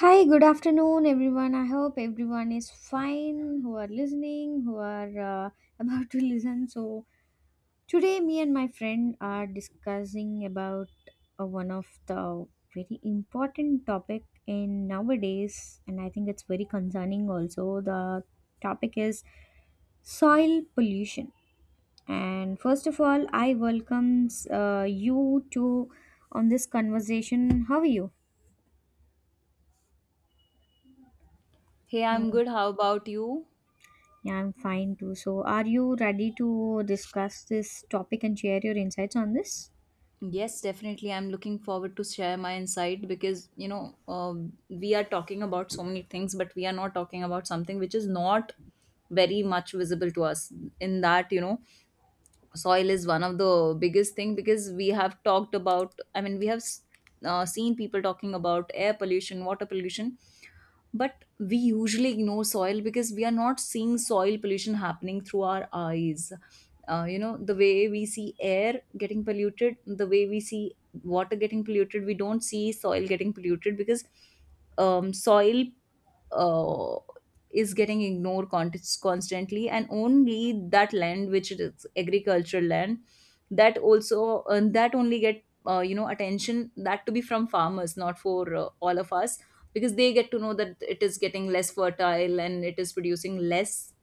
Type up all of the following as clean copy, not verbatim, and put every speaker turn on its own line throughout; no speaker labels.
Hi, good afternoon, everyone. I hope everyone is fine who are listening, who are about to listen. So, today, me and my friend are discussing about one of the very important topic in nowadays, and I think it's very concerning also. The topic is soil pollution. And first of all, I welcomes you to on this conversation. How are you?
Hey,
Uh,
I'm good. How about you?
Yeah, I'm fine too. So, are you ready to discuss this topic and share your insights on this?
Yes, definitely. I'm looking forward to share my insight because we are talking about so many things, but we are not talking about something which is not very much visible to us. In that, soil is one of the biggest thing because we have talked about we have seen people talking about air pollution water pollution but we usually ignore soil because we are not seeing soil pollution happening through our eyes. The way we see air getting polluted the way we see water getting polluted we don't see soil getting polluted because soil uh, is getting ignored constantly and only that land which is agricultural land that also that only get attention that to be from farmers not for all of us because they get to know that it is getting less fertile and it is producing less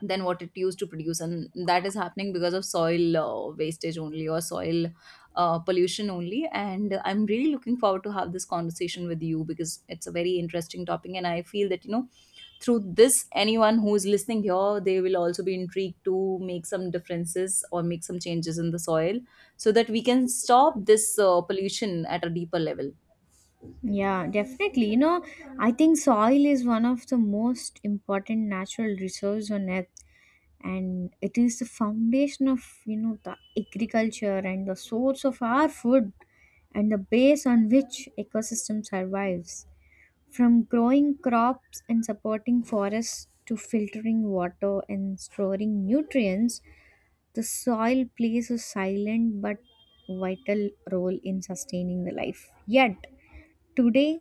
than what it used to produce, and that is happening because of soil wastage only or soil pollution only. And I'm really looking forward to have this conversation with you because it's a very interesting topic and I feel that through this anyone who is listening here they will also be intrigued to make some differences or make some changes in the soil so that we can stop this pollution at a deeper level.
Yeah, definitely. You know, I think soil is one of the most important natural resource on earth and it is the foundation of, the agriculture and the source of our food and the base on which ecosystem survives. From growing crops and supporting forests to filtering water and storing nutrients, the soil plays a silent but vital role in sustaining the life. Yet, today,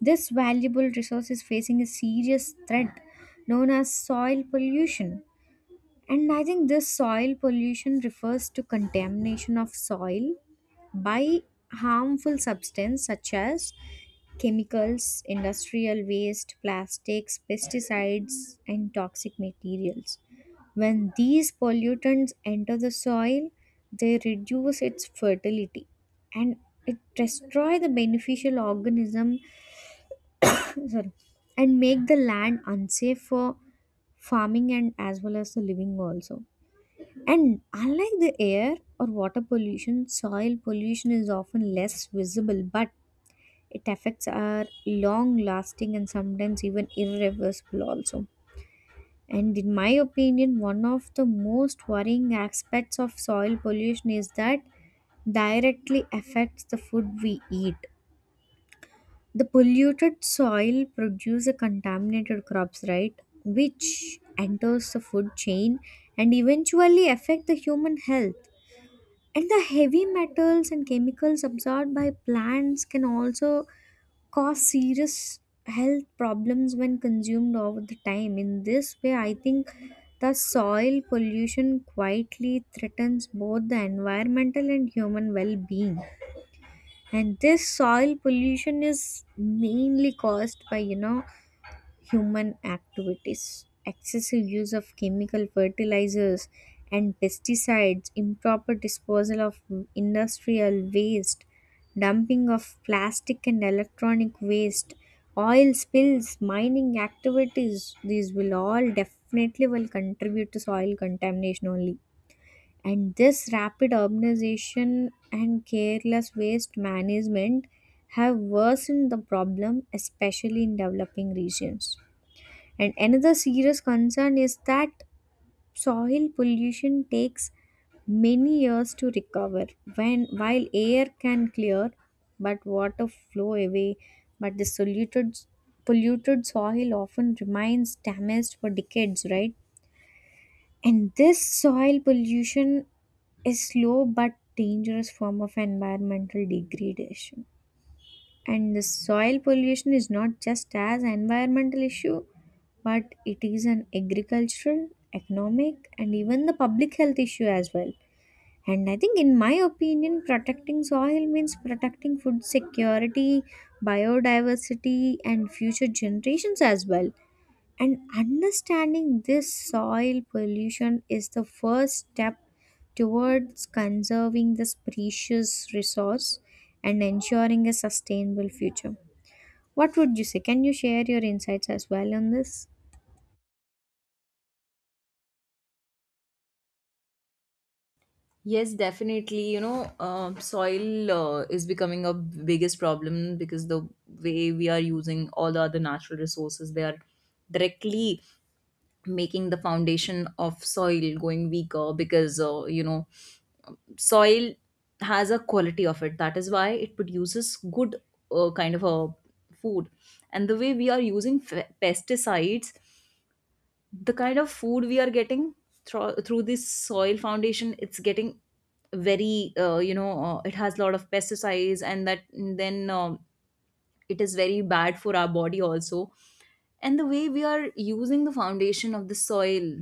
this valuable resource is facing a serious threat known as soil pollution. And I think this soil pollution refers to contamination of soil by harmful substances such as chemicals, industrial waste, plastics, pesticides, and toxic materials. When these pollutants enter the soil, they reduce its fertility and it destroy the beneficial organism sorry, and make the land unsafe for farming and as well as the living also. And unlike the air or water pollution, soil pollution is often less visible but it affects our long lasting and sometimes even irreversible also. And in my opinion, one of the most worrying aspects of soil pollution is that directly affects the food we eat. The polluted soil produces contaminated crops, right? Which enters the food chain and eventually affect the human health. And the heavy metals and chemicals absorbed by plants can also cause serious health problems when consumed over the time. In this way, I think the soil pollution quietly threatens both the environmental and human well-being. And this soil pollution is mainly caused by, human activities. Excessive use of chemical fertilizers and pesticides, improper disposal of industrial waste, dumping of plastic and electronic waste, oil spills, mining activities, these will all definitely will contribute to soil contamination only. And this rapid urbanization and careless waste management have worsened the problem, especially in developing regions. And another serious concern is that soil pollution takes many years to recover. When while air can clear, but water flow away, but the polluted soil often remains damaged for decades, right? And this soil pollution is slow but dangerous form of environmental degradation. And the soil pollution is not just as environmental issue, but it is an agricultural, economic, and even the public health issue as well. And I think, in my opinion, protecting soil means protecting food security, biodiversity, and future generations as well. And understanding this soil pollution is the first step towards conserving this precious resource and ensuring a sustainable future. What would you say? Can you share your insights as well on this?
Yes, definitely. You know, soil is becoming a biggest problem because the way we are using all the other natural resources, they are directly making the foundation of soil going weaker because, soil has a quality of it. That is why it produces good kind of a food. And the way we are using pesticides, the kind of food we are getting through this soil foundation it's getting very it has a lot of pesticides and that then, it is very bad for our body also. And the way we are using the foundation of the soil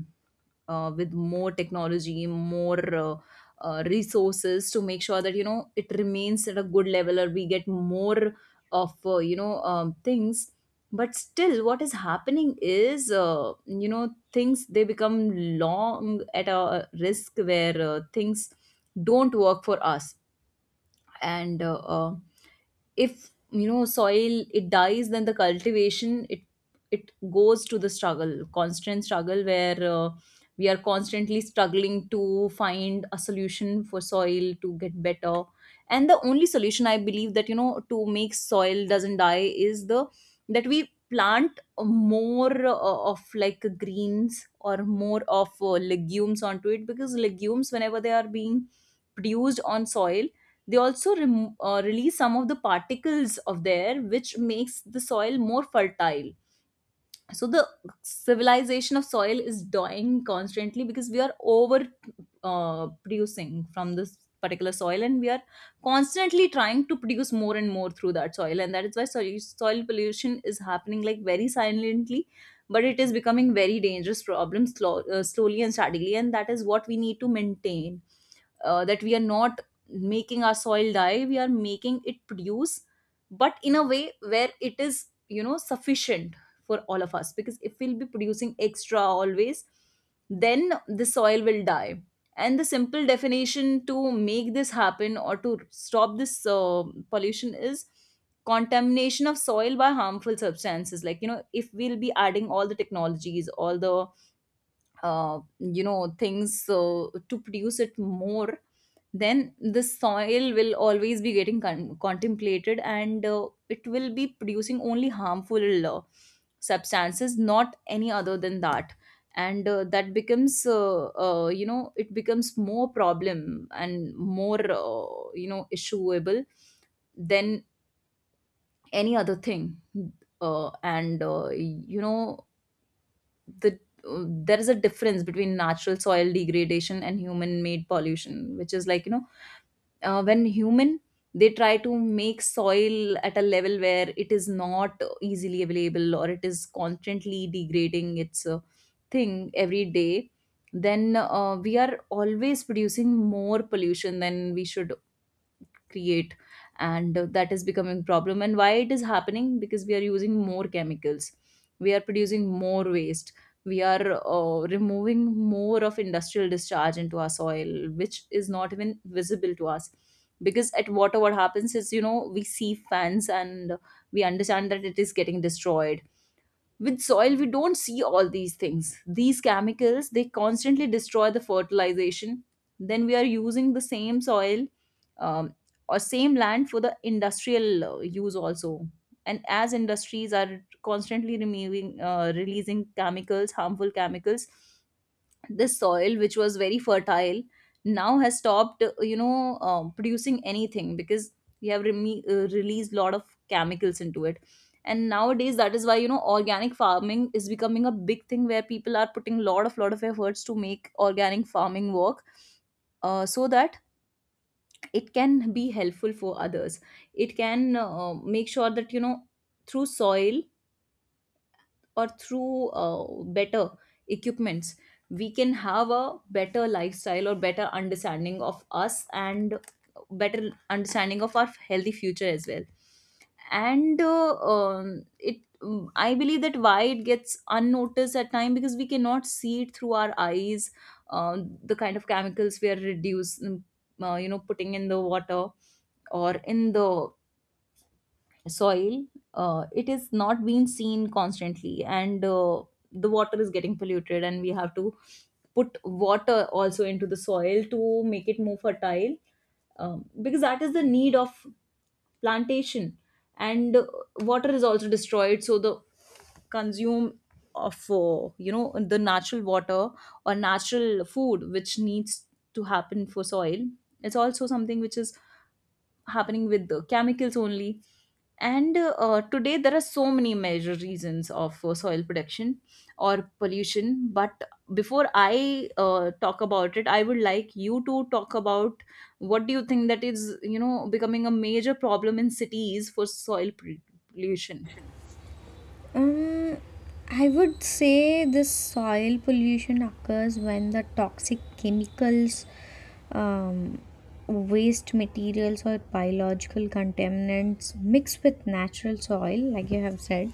with more technology, more resources to make sure that it remains at a good level, or we get more of things. But still, what is happening is, things they become long at a risk where things don't work for us. And If soil it dies then the cultivation it goes to the struggle constant struggle where we are constantly struggling to find a solution for soil to get better. And the only solution I believe that to make soil doesn't die is the that we plant more of like greens or more of legumes onto it, because legumes whenever they are being produced on soil they also release some of the particles of there, which makes the soil more fertile. So the civilization of soil is dying constantly because we are over producing from this particular soil and we are constantly trying to produce more and more through that soil. And that is why soil pollution is happening like very silently, but it is becoming very dangerous problem slowly and steadily. And that is what we need to maintain, that we are not making our soil die, we are making it produce but in a way where it is sufficient for all of us, because if we'll be producing extra always then the soil will die. And the simple definition to make this happen or to stop this pollution is contamination of soil by harmful substances, like if we'll be adding all the technologies all the things to produce it more, then the soil will always be getting contemplated and it will be producing only harmful substances, not any other than that. And that becomes, it becomes more problem and more, issueable than any other thing. And you know the There is a difference between natural soil degradation and human made pollution, which is like, when human they try to make soil at a level where it is not easily available or it is constantly degrading its thing every day, then we are always producing more pollution than we should create. And that is becoming problem. And why it is happening? Because we are using more chemicals, we are producing more waste, we are removing more of industrial discharge into our soil, which is not even visible to us. Because at water what happens is, we see fans and we understand that it is getting destroyed. With soil we don't see all these things. These chemicals they constantly destroy the fertilization. Then we are using the same soil, um, or same land for the industrial use also. And as industries are constantly removing releasing chemicals, harmful chemicals, this soil which was very fertile now has stopped producing anything, because we have released lot of chemicals into it. And nowadays that is why organic farming is becoming a big thing, where people are putting lot of efforts to make organic farming work, so that it can be helpful for others. It can make sure that through soil or through better equipments we can have a better lifestyle or better understanding of us and better understanding of our healthy future as well. And I believe that why it gets unnoticed at time, because we cannot see it through our eyes. The kind of chemicals we are reduced mm, you know putting in the water or in the soil, it is not being seen constantly. And the water is getting polluted and we have to put water also into the soil to make it more fertile, because that is the need of plantation. And water is also destroyed, so the consume of the natural water or natural food which needs to happen for soil, it's also something which is happening with the chemicals only. And today there are so many major reasons of soil production or pollution, but before I talk about it I would like you to talk about what do you think that is becoming a major problem in cities for soil pollution.
Um, I would say this soil pollution occurs when the toxic chemicals, um, waste materials, or biological contaminants mix with natural soil, like you have said.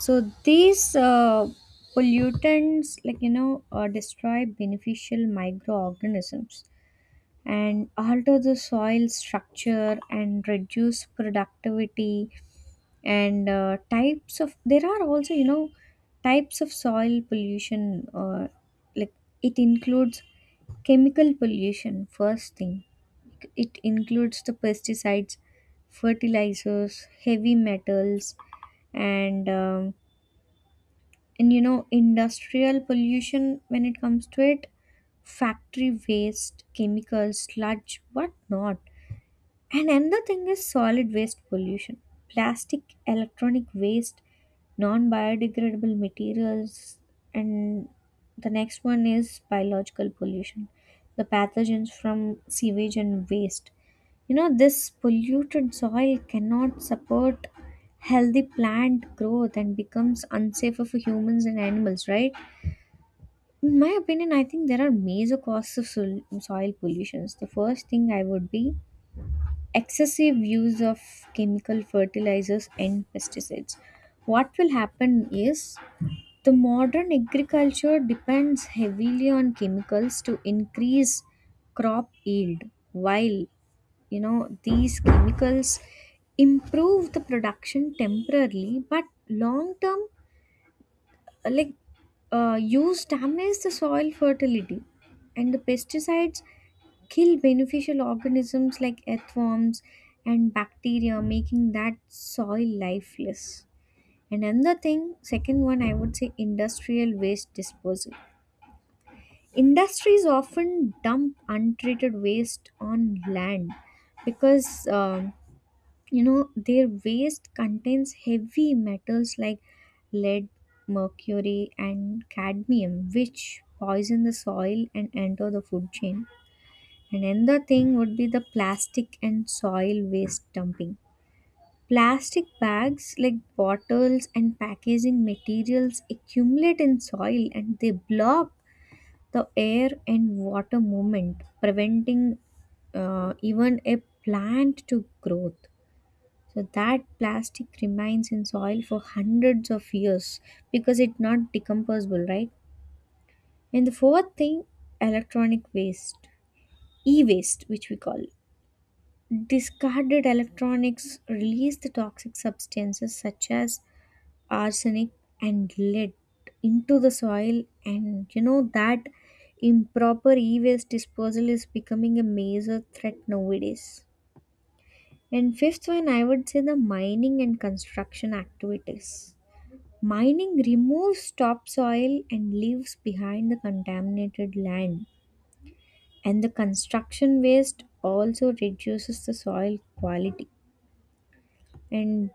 So these pollutants, like you know, destroy beneficial microorganisms and alter the soil structure and reduce productivity and types of there are also you know types of soil pollution like it includes chemical pollution first thing, it includes the pesticides, fertilizers, heavy metals, and um, and you know industrial pollution when it comes to it, factory waste, chemicals, sludge, whatnot. And another thing is solid waste pollution. Plastic, electronic waste, non biodegradable materials, and the next one is biological pollution. The pathogens from sewage and waste. You know, this polluted soil cannot support healthy plant growth and becomes unsafer for humans and animals, right? In my opinion, I think there are major causes of soil pollutions. The first thing I would be excessive use of chemical fertilizers and pesticides. What will happen is the modern agriculture depends heavily on chemicals to increase crop yield, while you know these chemicals improve the production temporarily but long term uh, like use damages the soil fertility and the pesticides kill beneficial organisms like earthworms and bacteria, making that soil lifeless. And another thing, second one, I would say industrial waste disposal. Industries often dump untreated waste on land because you know, their waste contains heavy metals like lead, mercury, and cadmium, which poison the soil and enter the food chain. And another thing would be the plastic and soil waste dumping. Plastic bags like bottles and packaging materials accumulate in soil and they block the air and water movement, preventing even a plant to growth, so that plastic remains in soil for hundreds of years because it's not decomposable, right? And the fourth thing, electronic waste, e-waste, which we call discarded electronics, release the toxic substances such as arsenic and lead into the soil, and you know that improper e-waste disposal is becoming a major threat nowadays. And fifth one, I would say the mining and construction activities. Mining removes topsoil and leaves behind the contaminated land, and the construction waste also reduces the soil quality. And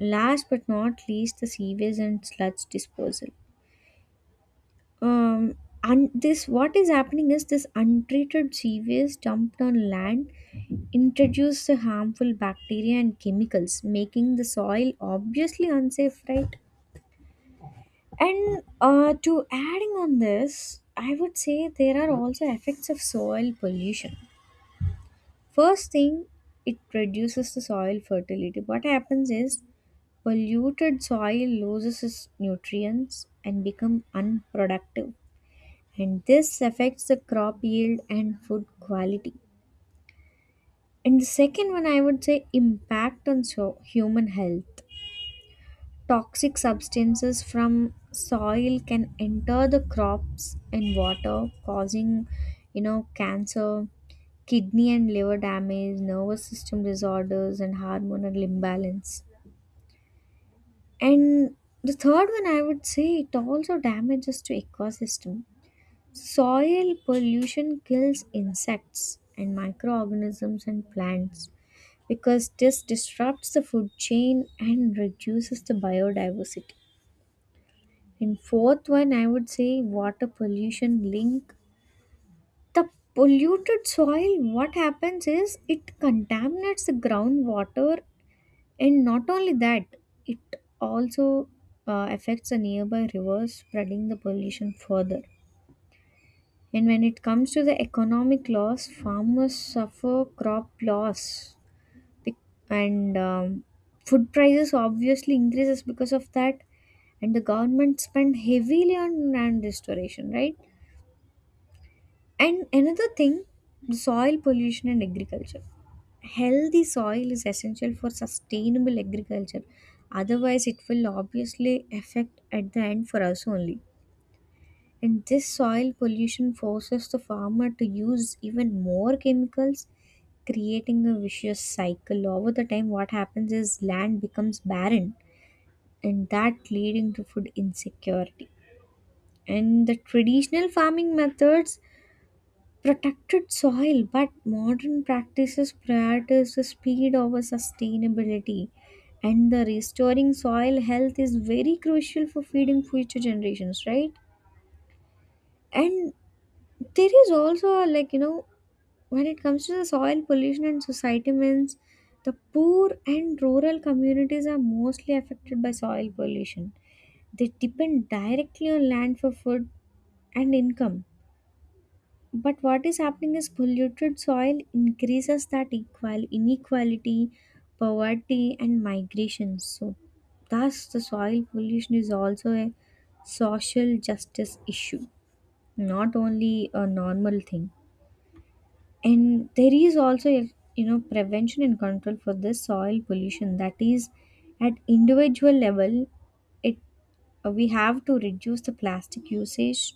last but not least, the sewage and sludge disposal. Um, and this what is happening is this untreated sewage dumped on land introduces harmful bacteria and chemicals, making the soil obviously unsafe, right? And to adding on this, I would say there are also effects of soil pollution. First thing, it reduces the soil fertility. What happens is polluted soil loses its nutrients and become unproductive. And this affects the crop yield and food quality. And the second one I would say impact on human health. Toxic substances from soil can enter the crops and water, causing, you know, cancer, kidney and liver damage, nervous system disorders, and hormonal imbalance. And the third one, I would say, it also damages to ecosystem. Soil pollution kills insects and microorganisms and plants because this disrupts the food chain and reduces the biodiversity. And fourth one, I would say water pollution link. The polluted soil, what happens is it contaminates the groundwater, and not only that, it also affects the nearby rivers, spreading the pollution further. And when it comes to the economic loss, farmers suffer crop loss, Bec- and food prices obviously increases because of that. And the government spend heavily on land restoration, right? And another thing, soil pollution and agriculture. Healthy soil is essential for sustainable agriculture. Otherwise, it will obviously affect at the end for us only. And this soil pollution forces the farmer to use even more chemicals, creating a vicious cycle. Over the time, what happens is land becomes barren, and that leading to food insecurity. And the traditional farming methods protected soil, but modern practices prioritize the speed over sustainability. And the restoring soil health is very crucial for feeding future generations, right? And there is also, like, you know, when it comes to the soil pollution and society means the poor and rural communities are mostly affected by soil pollution. They depend directly on land for food and income. But what is happening is polluted soil increases that equal inequality, poverty, and migration. So, thus the soil pollution is also a social justice issue, not only a normal thing. And there is also a you know prevention and control for this soil pollution. That is, at individual level, it we have to reduce the plastic usage,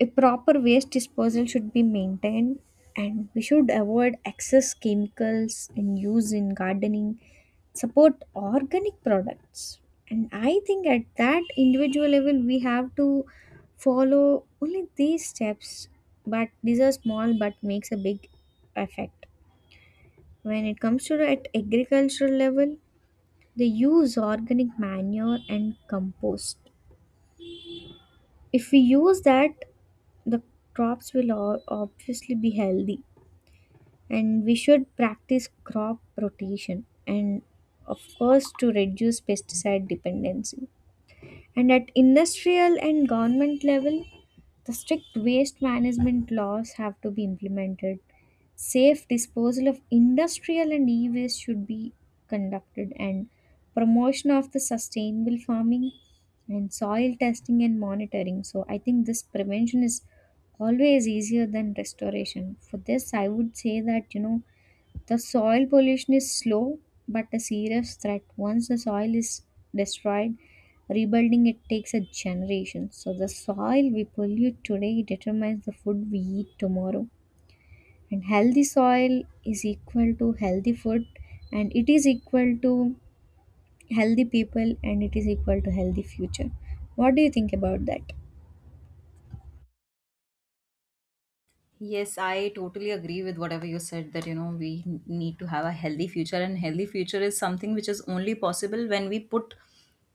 a proper waste disposal should be maintained, and we should avoid excess chemicals and use in gardening, support organic products. And I think at that individual level we have to follow only these steps, but these are small but makes a big effect. When it comes to at agricultural level, they use organic manure and compost. If we use that, the crops will obviously be healthy, and we should practice crop rotation and of course to reduce pesticide dependency. And at industrial and government level, the strict waste management laws have to be implemented. Safe disposal of industrial and e waste should be conducted, and promotion of the sustainable farming and soil testing and monitoring. So, I think this prevention is always easier than restoration. For this, I would say that you know the soil pollution is slow but a serious threat. Once the soil is destroyed, rebuilding it takes a generation. So the soil we pollute today determines the food we eat tomorrow. And healthy soil is equal to healthy food and it is equal to healthy people and it is equal to healthy future. What do you think about that?
Yes, I totally agree with whatever you said, that we need to have a healthy future, and healthy future is something which is only possible when we put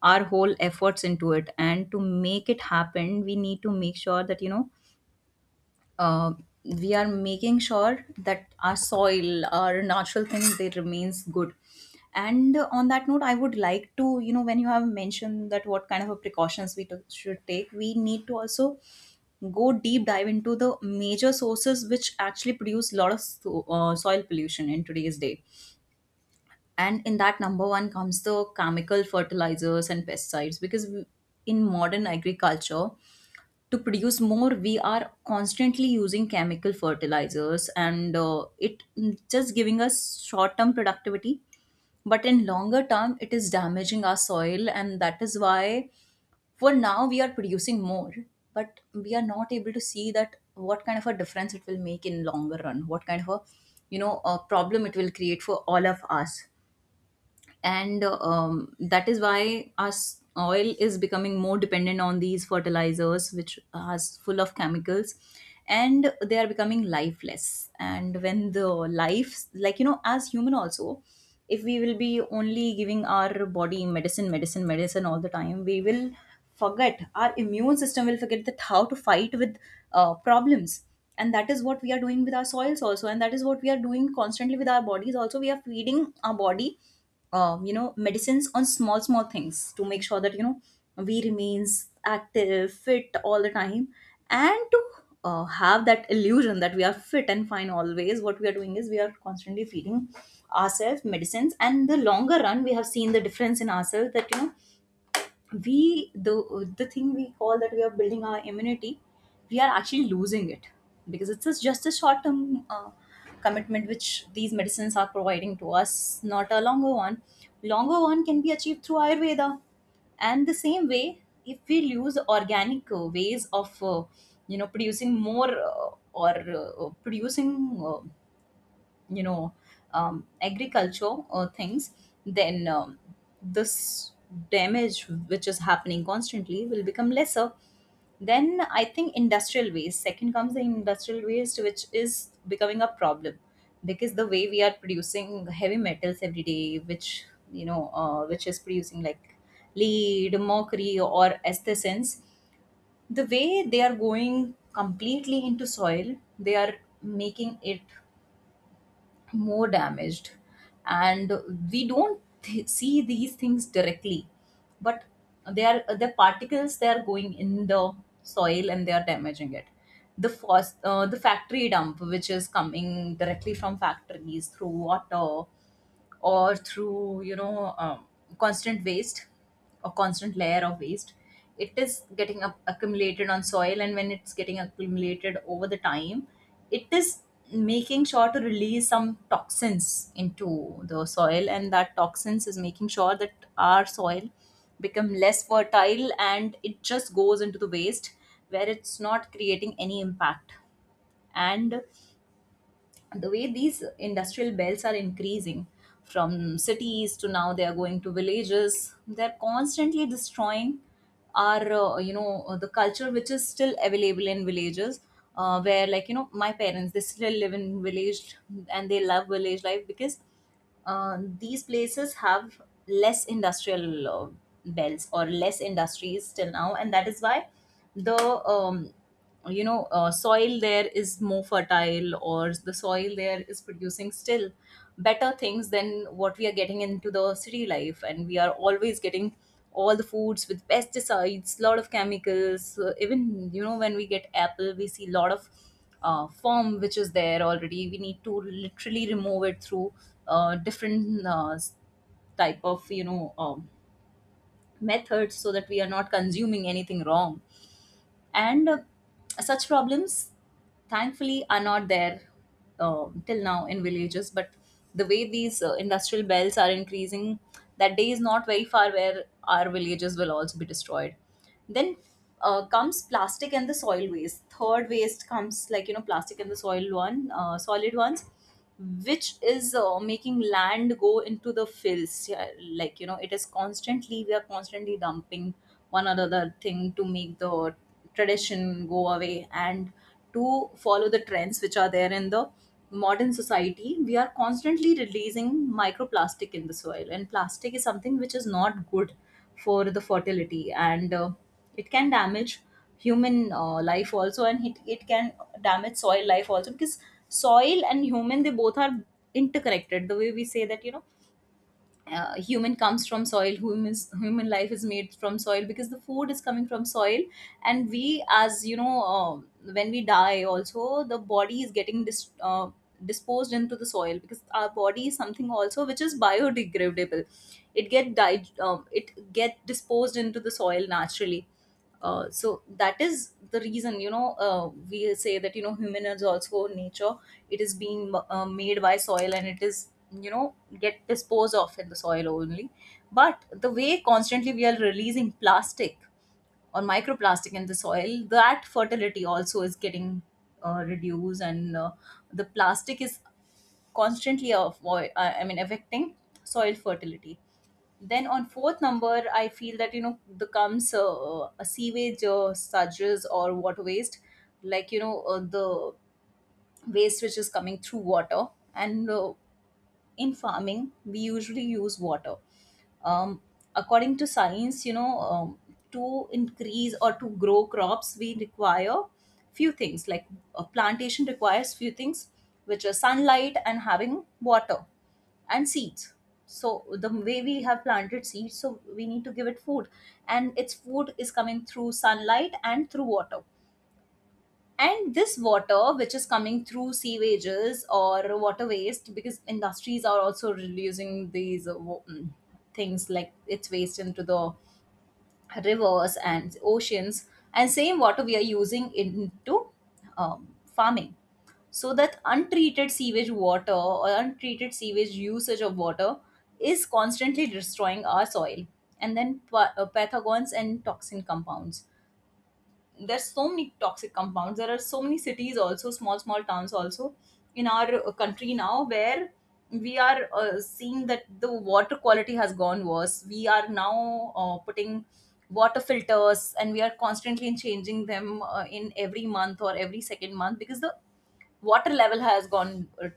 our whole efforts into it. And to make it happen we need to make sure that uh, we are making sure that our soil, our natural things they remains good. And on that note I would like to, when you have mentioned that what kind of a precautions we took should take, we need to also go deep dive into the major sources which actually produce a lot of soil pollution in today's day. And in that, number one comes the chemical fertilizers and pesticides. Because we, in modern agriculture, to produce more we are constantly using chemical fertilizers, and just giving us short term productivity but in longer term it is damaging our soil. And that is why for now we are producing more, but we are not able to see that what kind of a difference it will make in longer run, what kind of a, a problem it will create for all of us. And that is why our oil is becoming more dependent on these fertilizers which are full of chemicals, and they are becoming lifeless. And when the life, like as human also, if we will be only giving our body medicine medicine medicine all the time, we will forget, our immune system will forget that how to fight with problems. And that is what we are doing with our soils also, and that is what we are doing constantly with our bodies also. We are feeding our body, medicines on small small things to make sure that we remains active fit all the time. And to have that illusion that we are fit and fine always, what we are doing is we are constantly feeding ourselves medicines. And the longer run we have seen the difference in ourselves, that we the thing we call that we are building our immunity, we are actually losing it, because it's just a short term commitment which these medicines are providing to us, not a longer one. Longer one can be achieved through ayurveda. And the same way, if we use organic ways of producing more or producing, you know agriculture or things, then this damage which is happening constantly will become lesser. Then I think industrial waste, second comes the industrial waste, which is becoming a problem, because the way we are producing heavy metals every day which, which is producing like lead, mercury or aesthesins, the way they are going completely into soil, they are making it more damaged. And we don't see these things directly, but they are the particles, they are going in the soil and they are damaging it. The the factory dump which is coming directly from factories through water or through constant waste or constant layer of waste, it is getting up accumulated on soil, and when it's getting accumulated over the time, it is making sure to release some toxins into the soil, and that toxins is making sure that our soil become less fertile and it just goes into the waste, where it's not creating any impact. And the way these industrial belts are increasing, from cities to now they are going to villages, they're constantly destroying our the culture which is still available in villages. Where like, you know, my parents, they still live in village, and they love village life, because these places have less industrial belts or less industries till now, and that is why the um, soil there is more fertile, or the soil there is producing still better things than what we are getting into the city life. And we are always getting all the foods with pesticides, lot of chemicals. So even, you know, when we get apple, we see lot of form which is there already. We need to literally remove it through different type of, you know, methods, so that we are not consuming anything wrong. And such problems, thankfully, are not there till now in villages, but the way these industrial belts are increasing, that day is not very far where our villages will also be destroyed. Then comes plastic and the soil waste. Third waste comes, like, you know, plastic and the soil one, solid ones, which is making land go into the fills, yeah, like, you know, it is constantly, we are constantly dumping one or other thing to make the tradition go away and to follow the trends which are there in the modern society. We are constantly releasing microplastic in the soil, and plastic is something which is not good for the fertility. And it can damage human life also, and it can damage soil life also, because soil and human, they both are interconnected. The way we say that, you know, human comes from soil. Human is, human life is made from soil, because the food is coming from soil. And we, as you know, when we die also, the body is getting disposed into the soil, because our body is something also which is biodegradable. It it get disposed into the soil naturally. So that is the reason, you know, we say that, you know, human is also nature. It is being made by soil and it is, you know, get disposed of in the soil only. But the way constantly we are releasing plastic or microplastic in the soil, that fertility also is getting reduced. And the plastic is constantly I mean affecting soil fertility. Then on fourth number, I feel that, you know, the comes a sewage surges or water waste, like, you know, the waste which is coming through water. And in farming we usually use water. um, According to science, you know, to increase or to grow crops, we require few things like, a plantation requires few things, which are sunlight and having water and seeds. So the way we have planted seeds, so we need to give it food, and its food is coming through sunlight and through water. And this water, which is coming through sewages or water waste, because industries are also reducing these things like its waste into the rivers and oceans, and same water we are using into farming. So that untreated sewage water or untreated sewage usage of water is constantly destroying our soil. And then pathogens and toxin compounds, there's so many toxic compounds, there are so many cities also, small small towns also in our country now, where we are seeing that the water quality has gone worse. We are now putting water filters and we are constantly changing them in every month or every second month, because the water level has gone uh,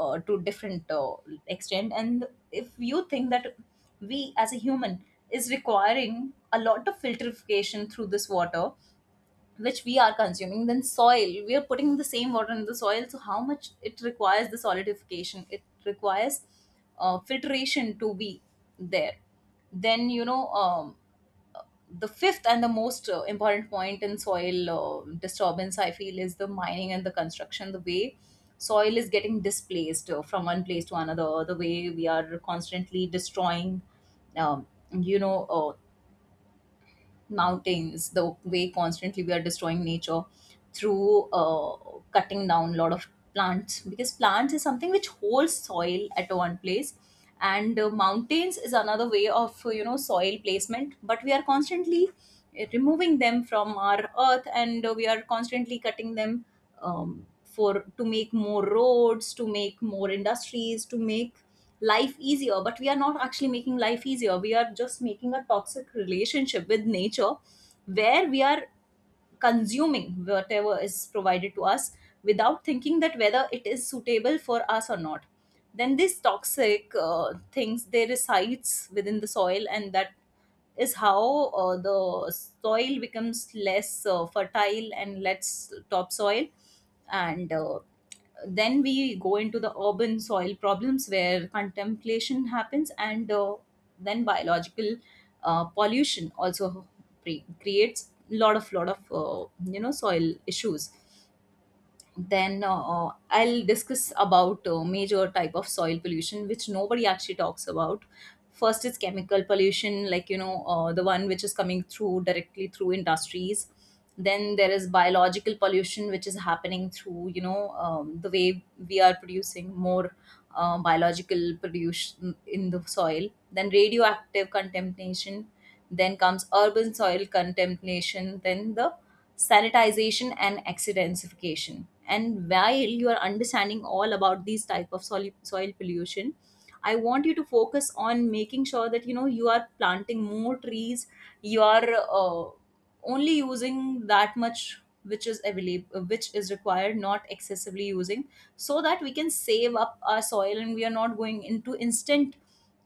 uh, to different extent. And if you think that we as a human is requiring a lot of filtrification through this water which we are consuming, then soil, we are putting the same water in the soil, so how much it requires the solidification, it requires filtration to be there. Then, you know, the fifth and the most important point in soil disturbance, I feel is the mining and the construction. The way soil is getting displaced from one place to another, the way we are constantly destroying um, you know uh, mountains, the way constantly we are destroying nature through cutting down a lot of plants, because plants is something which holds soil at one place. And mountains is another way of, you know, soil placement, but we are constantly removing them from our earth, and we are constantly cutting them for to make more roads, to make more industries, to make life easier. But we are not actually making life easier, we are just making a toxic relationship with nature, where we are consuming whatever is provided to us without thinking that whether it is suitable for us or not. Then these toxic things, they resides within the soil, and that is how the soil becomes less fertile and less topsoil. And then we go into the urban soil problems, where contemplation happens. And then biological pollution also creates lot of soil issues. Then I'll discuss about major type of soil pollution which nobody actually talks about. First is chemical pollution, like, you know, the one which is coming through directly through industries. Then there is biological pollution, which is happening through, you know, the way we are producing more biological pollution in the soil. Then radioactive contamination, then comes urban soil contamination, then the sanitization and accidentsification. And while you are understanding all about these type of soil pollution, I want you to focus on making sure that, you know, you are planting more trees, you are uh, only using that much which is available, which is required, not excessively using, so that we can save up our soil and we are not going into instant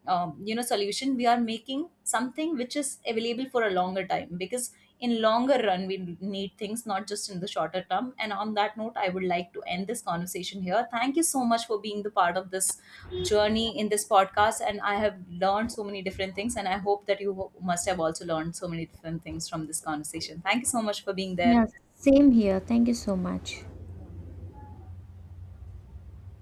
solution. We are making something which is available for a longer time, because in longer run we need things, not just in the shorter term. And on that note, I would like to end this conversation here. Thank you so much for being the part of this journey in this podcast, and I have learned so many different things, and I hope that you must have also learned so many different things from this conversation. Thank you so much for being
Yeah,
there.
same here. Thank you so much.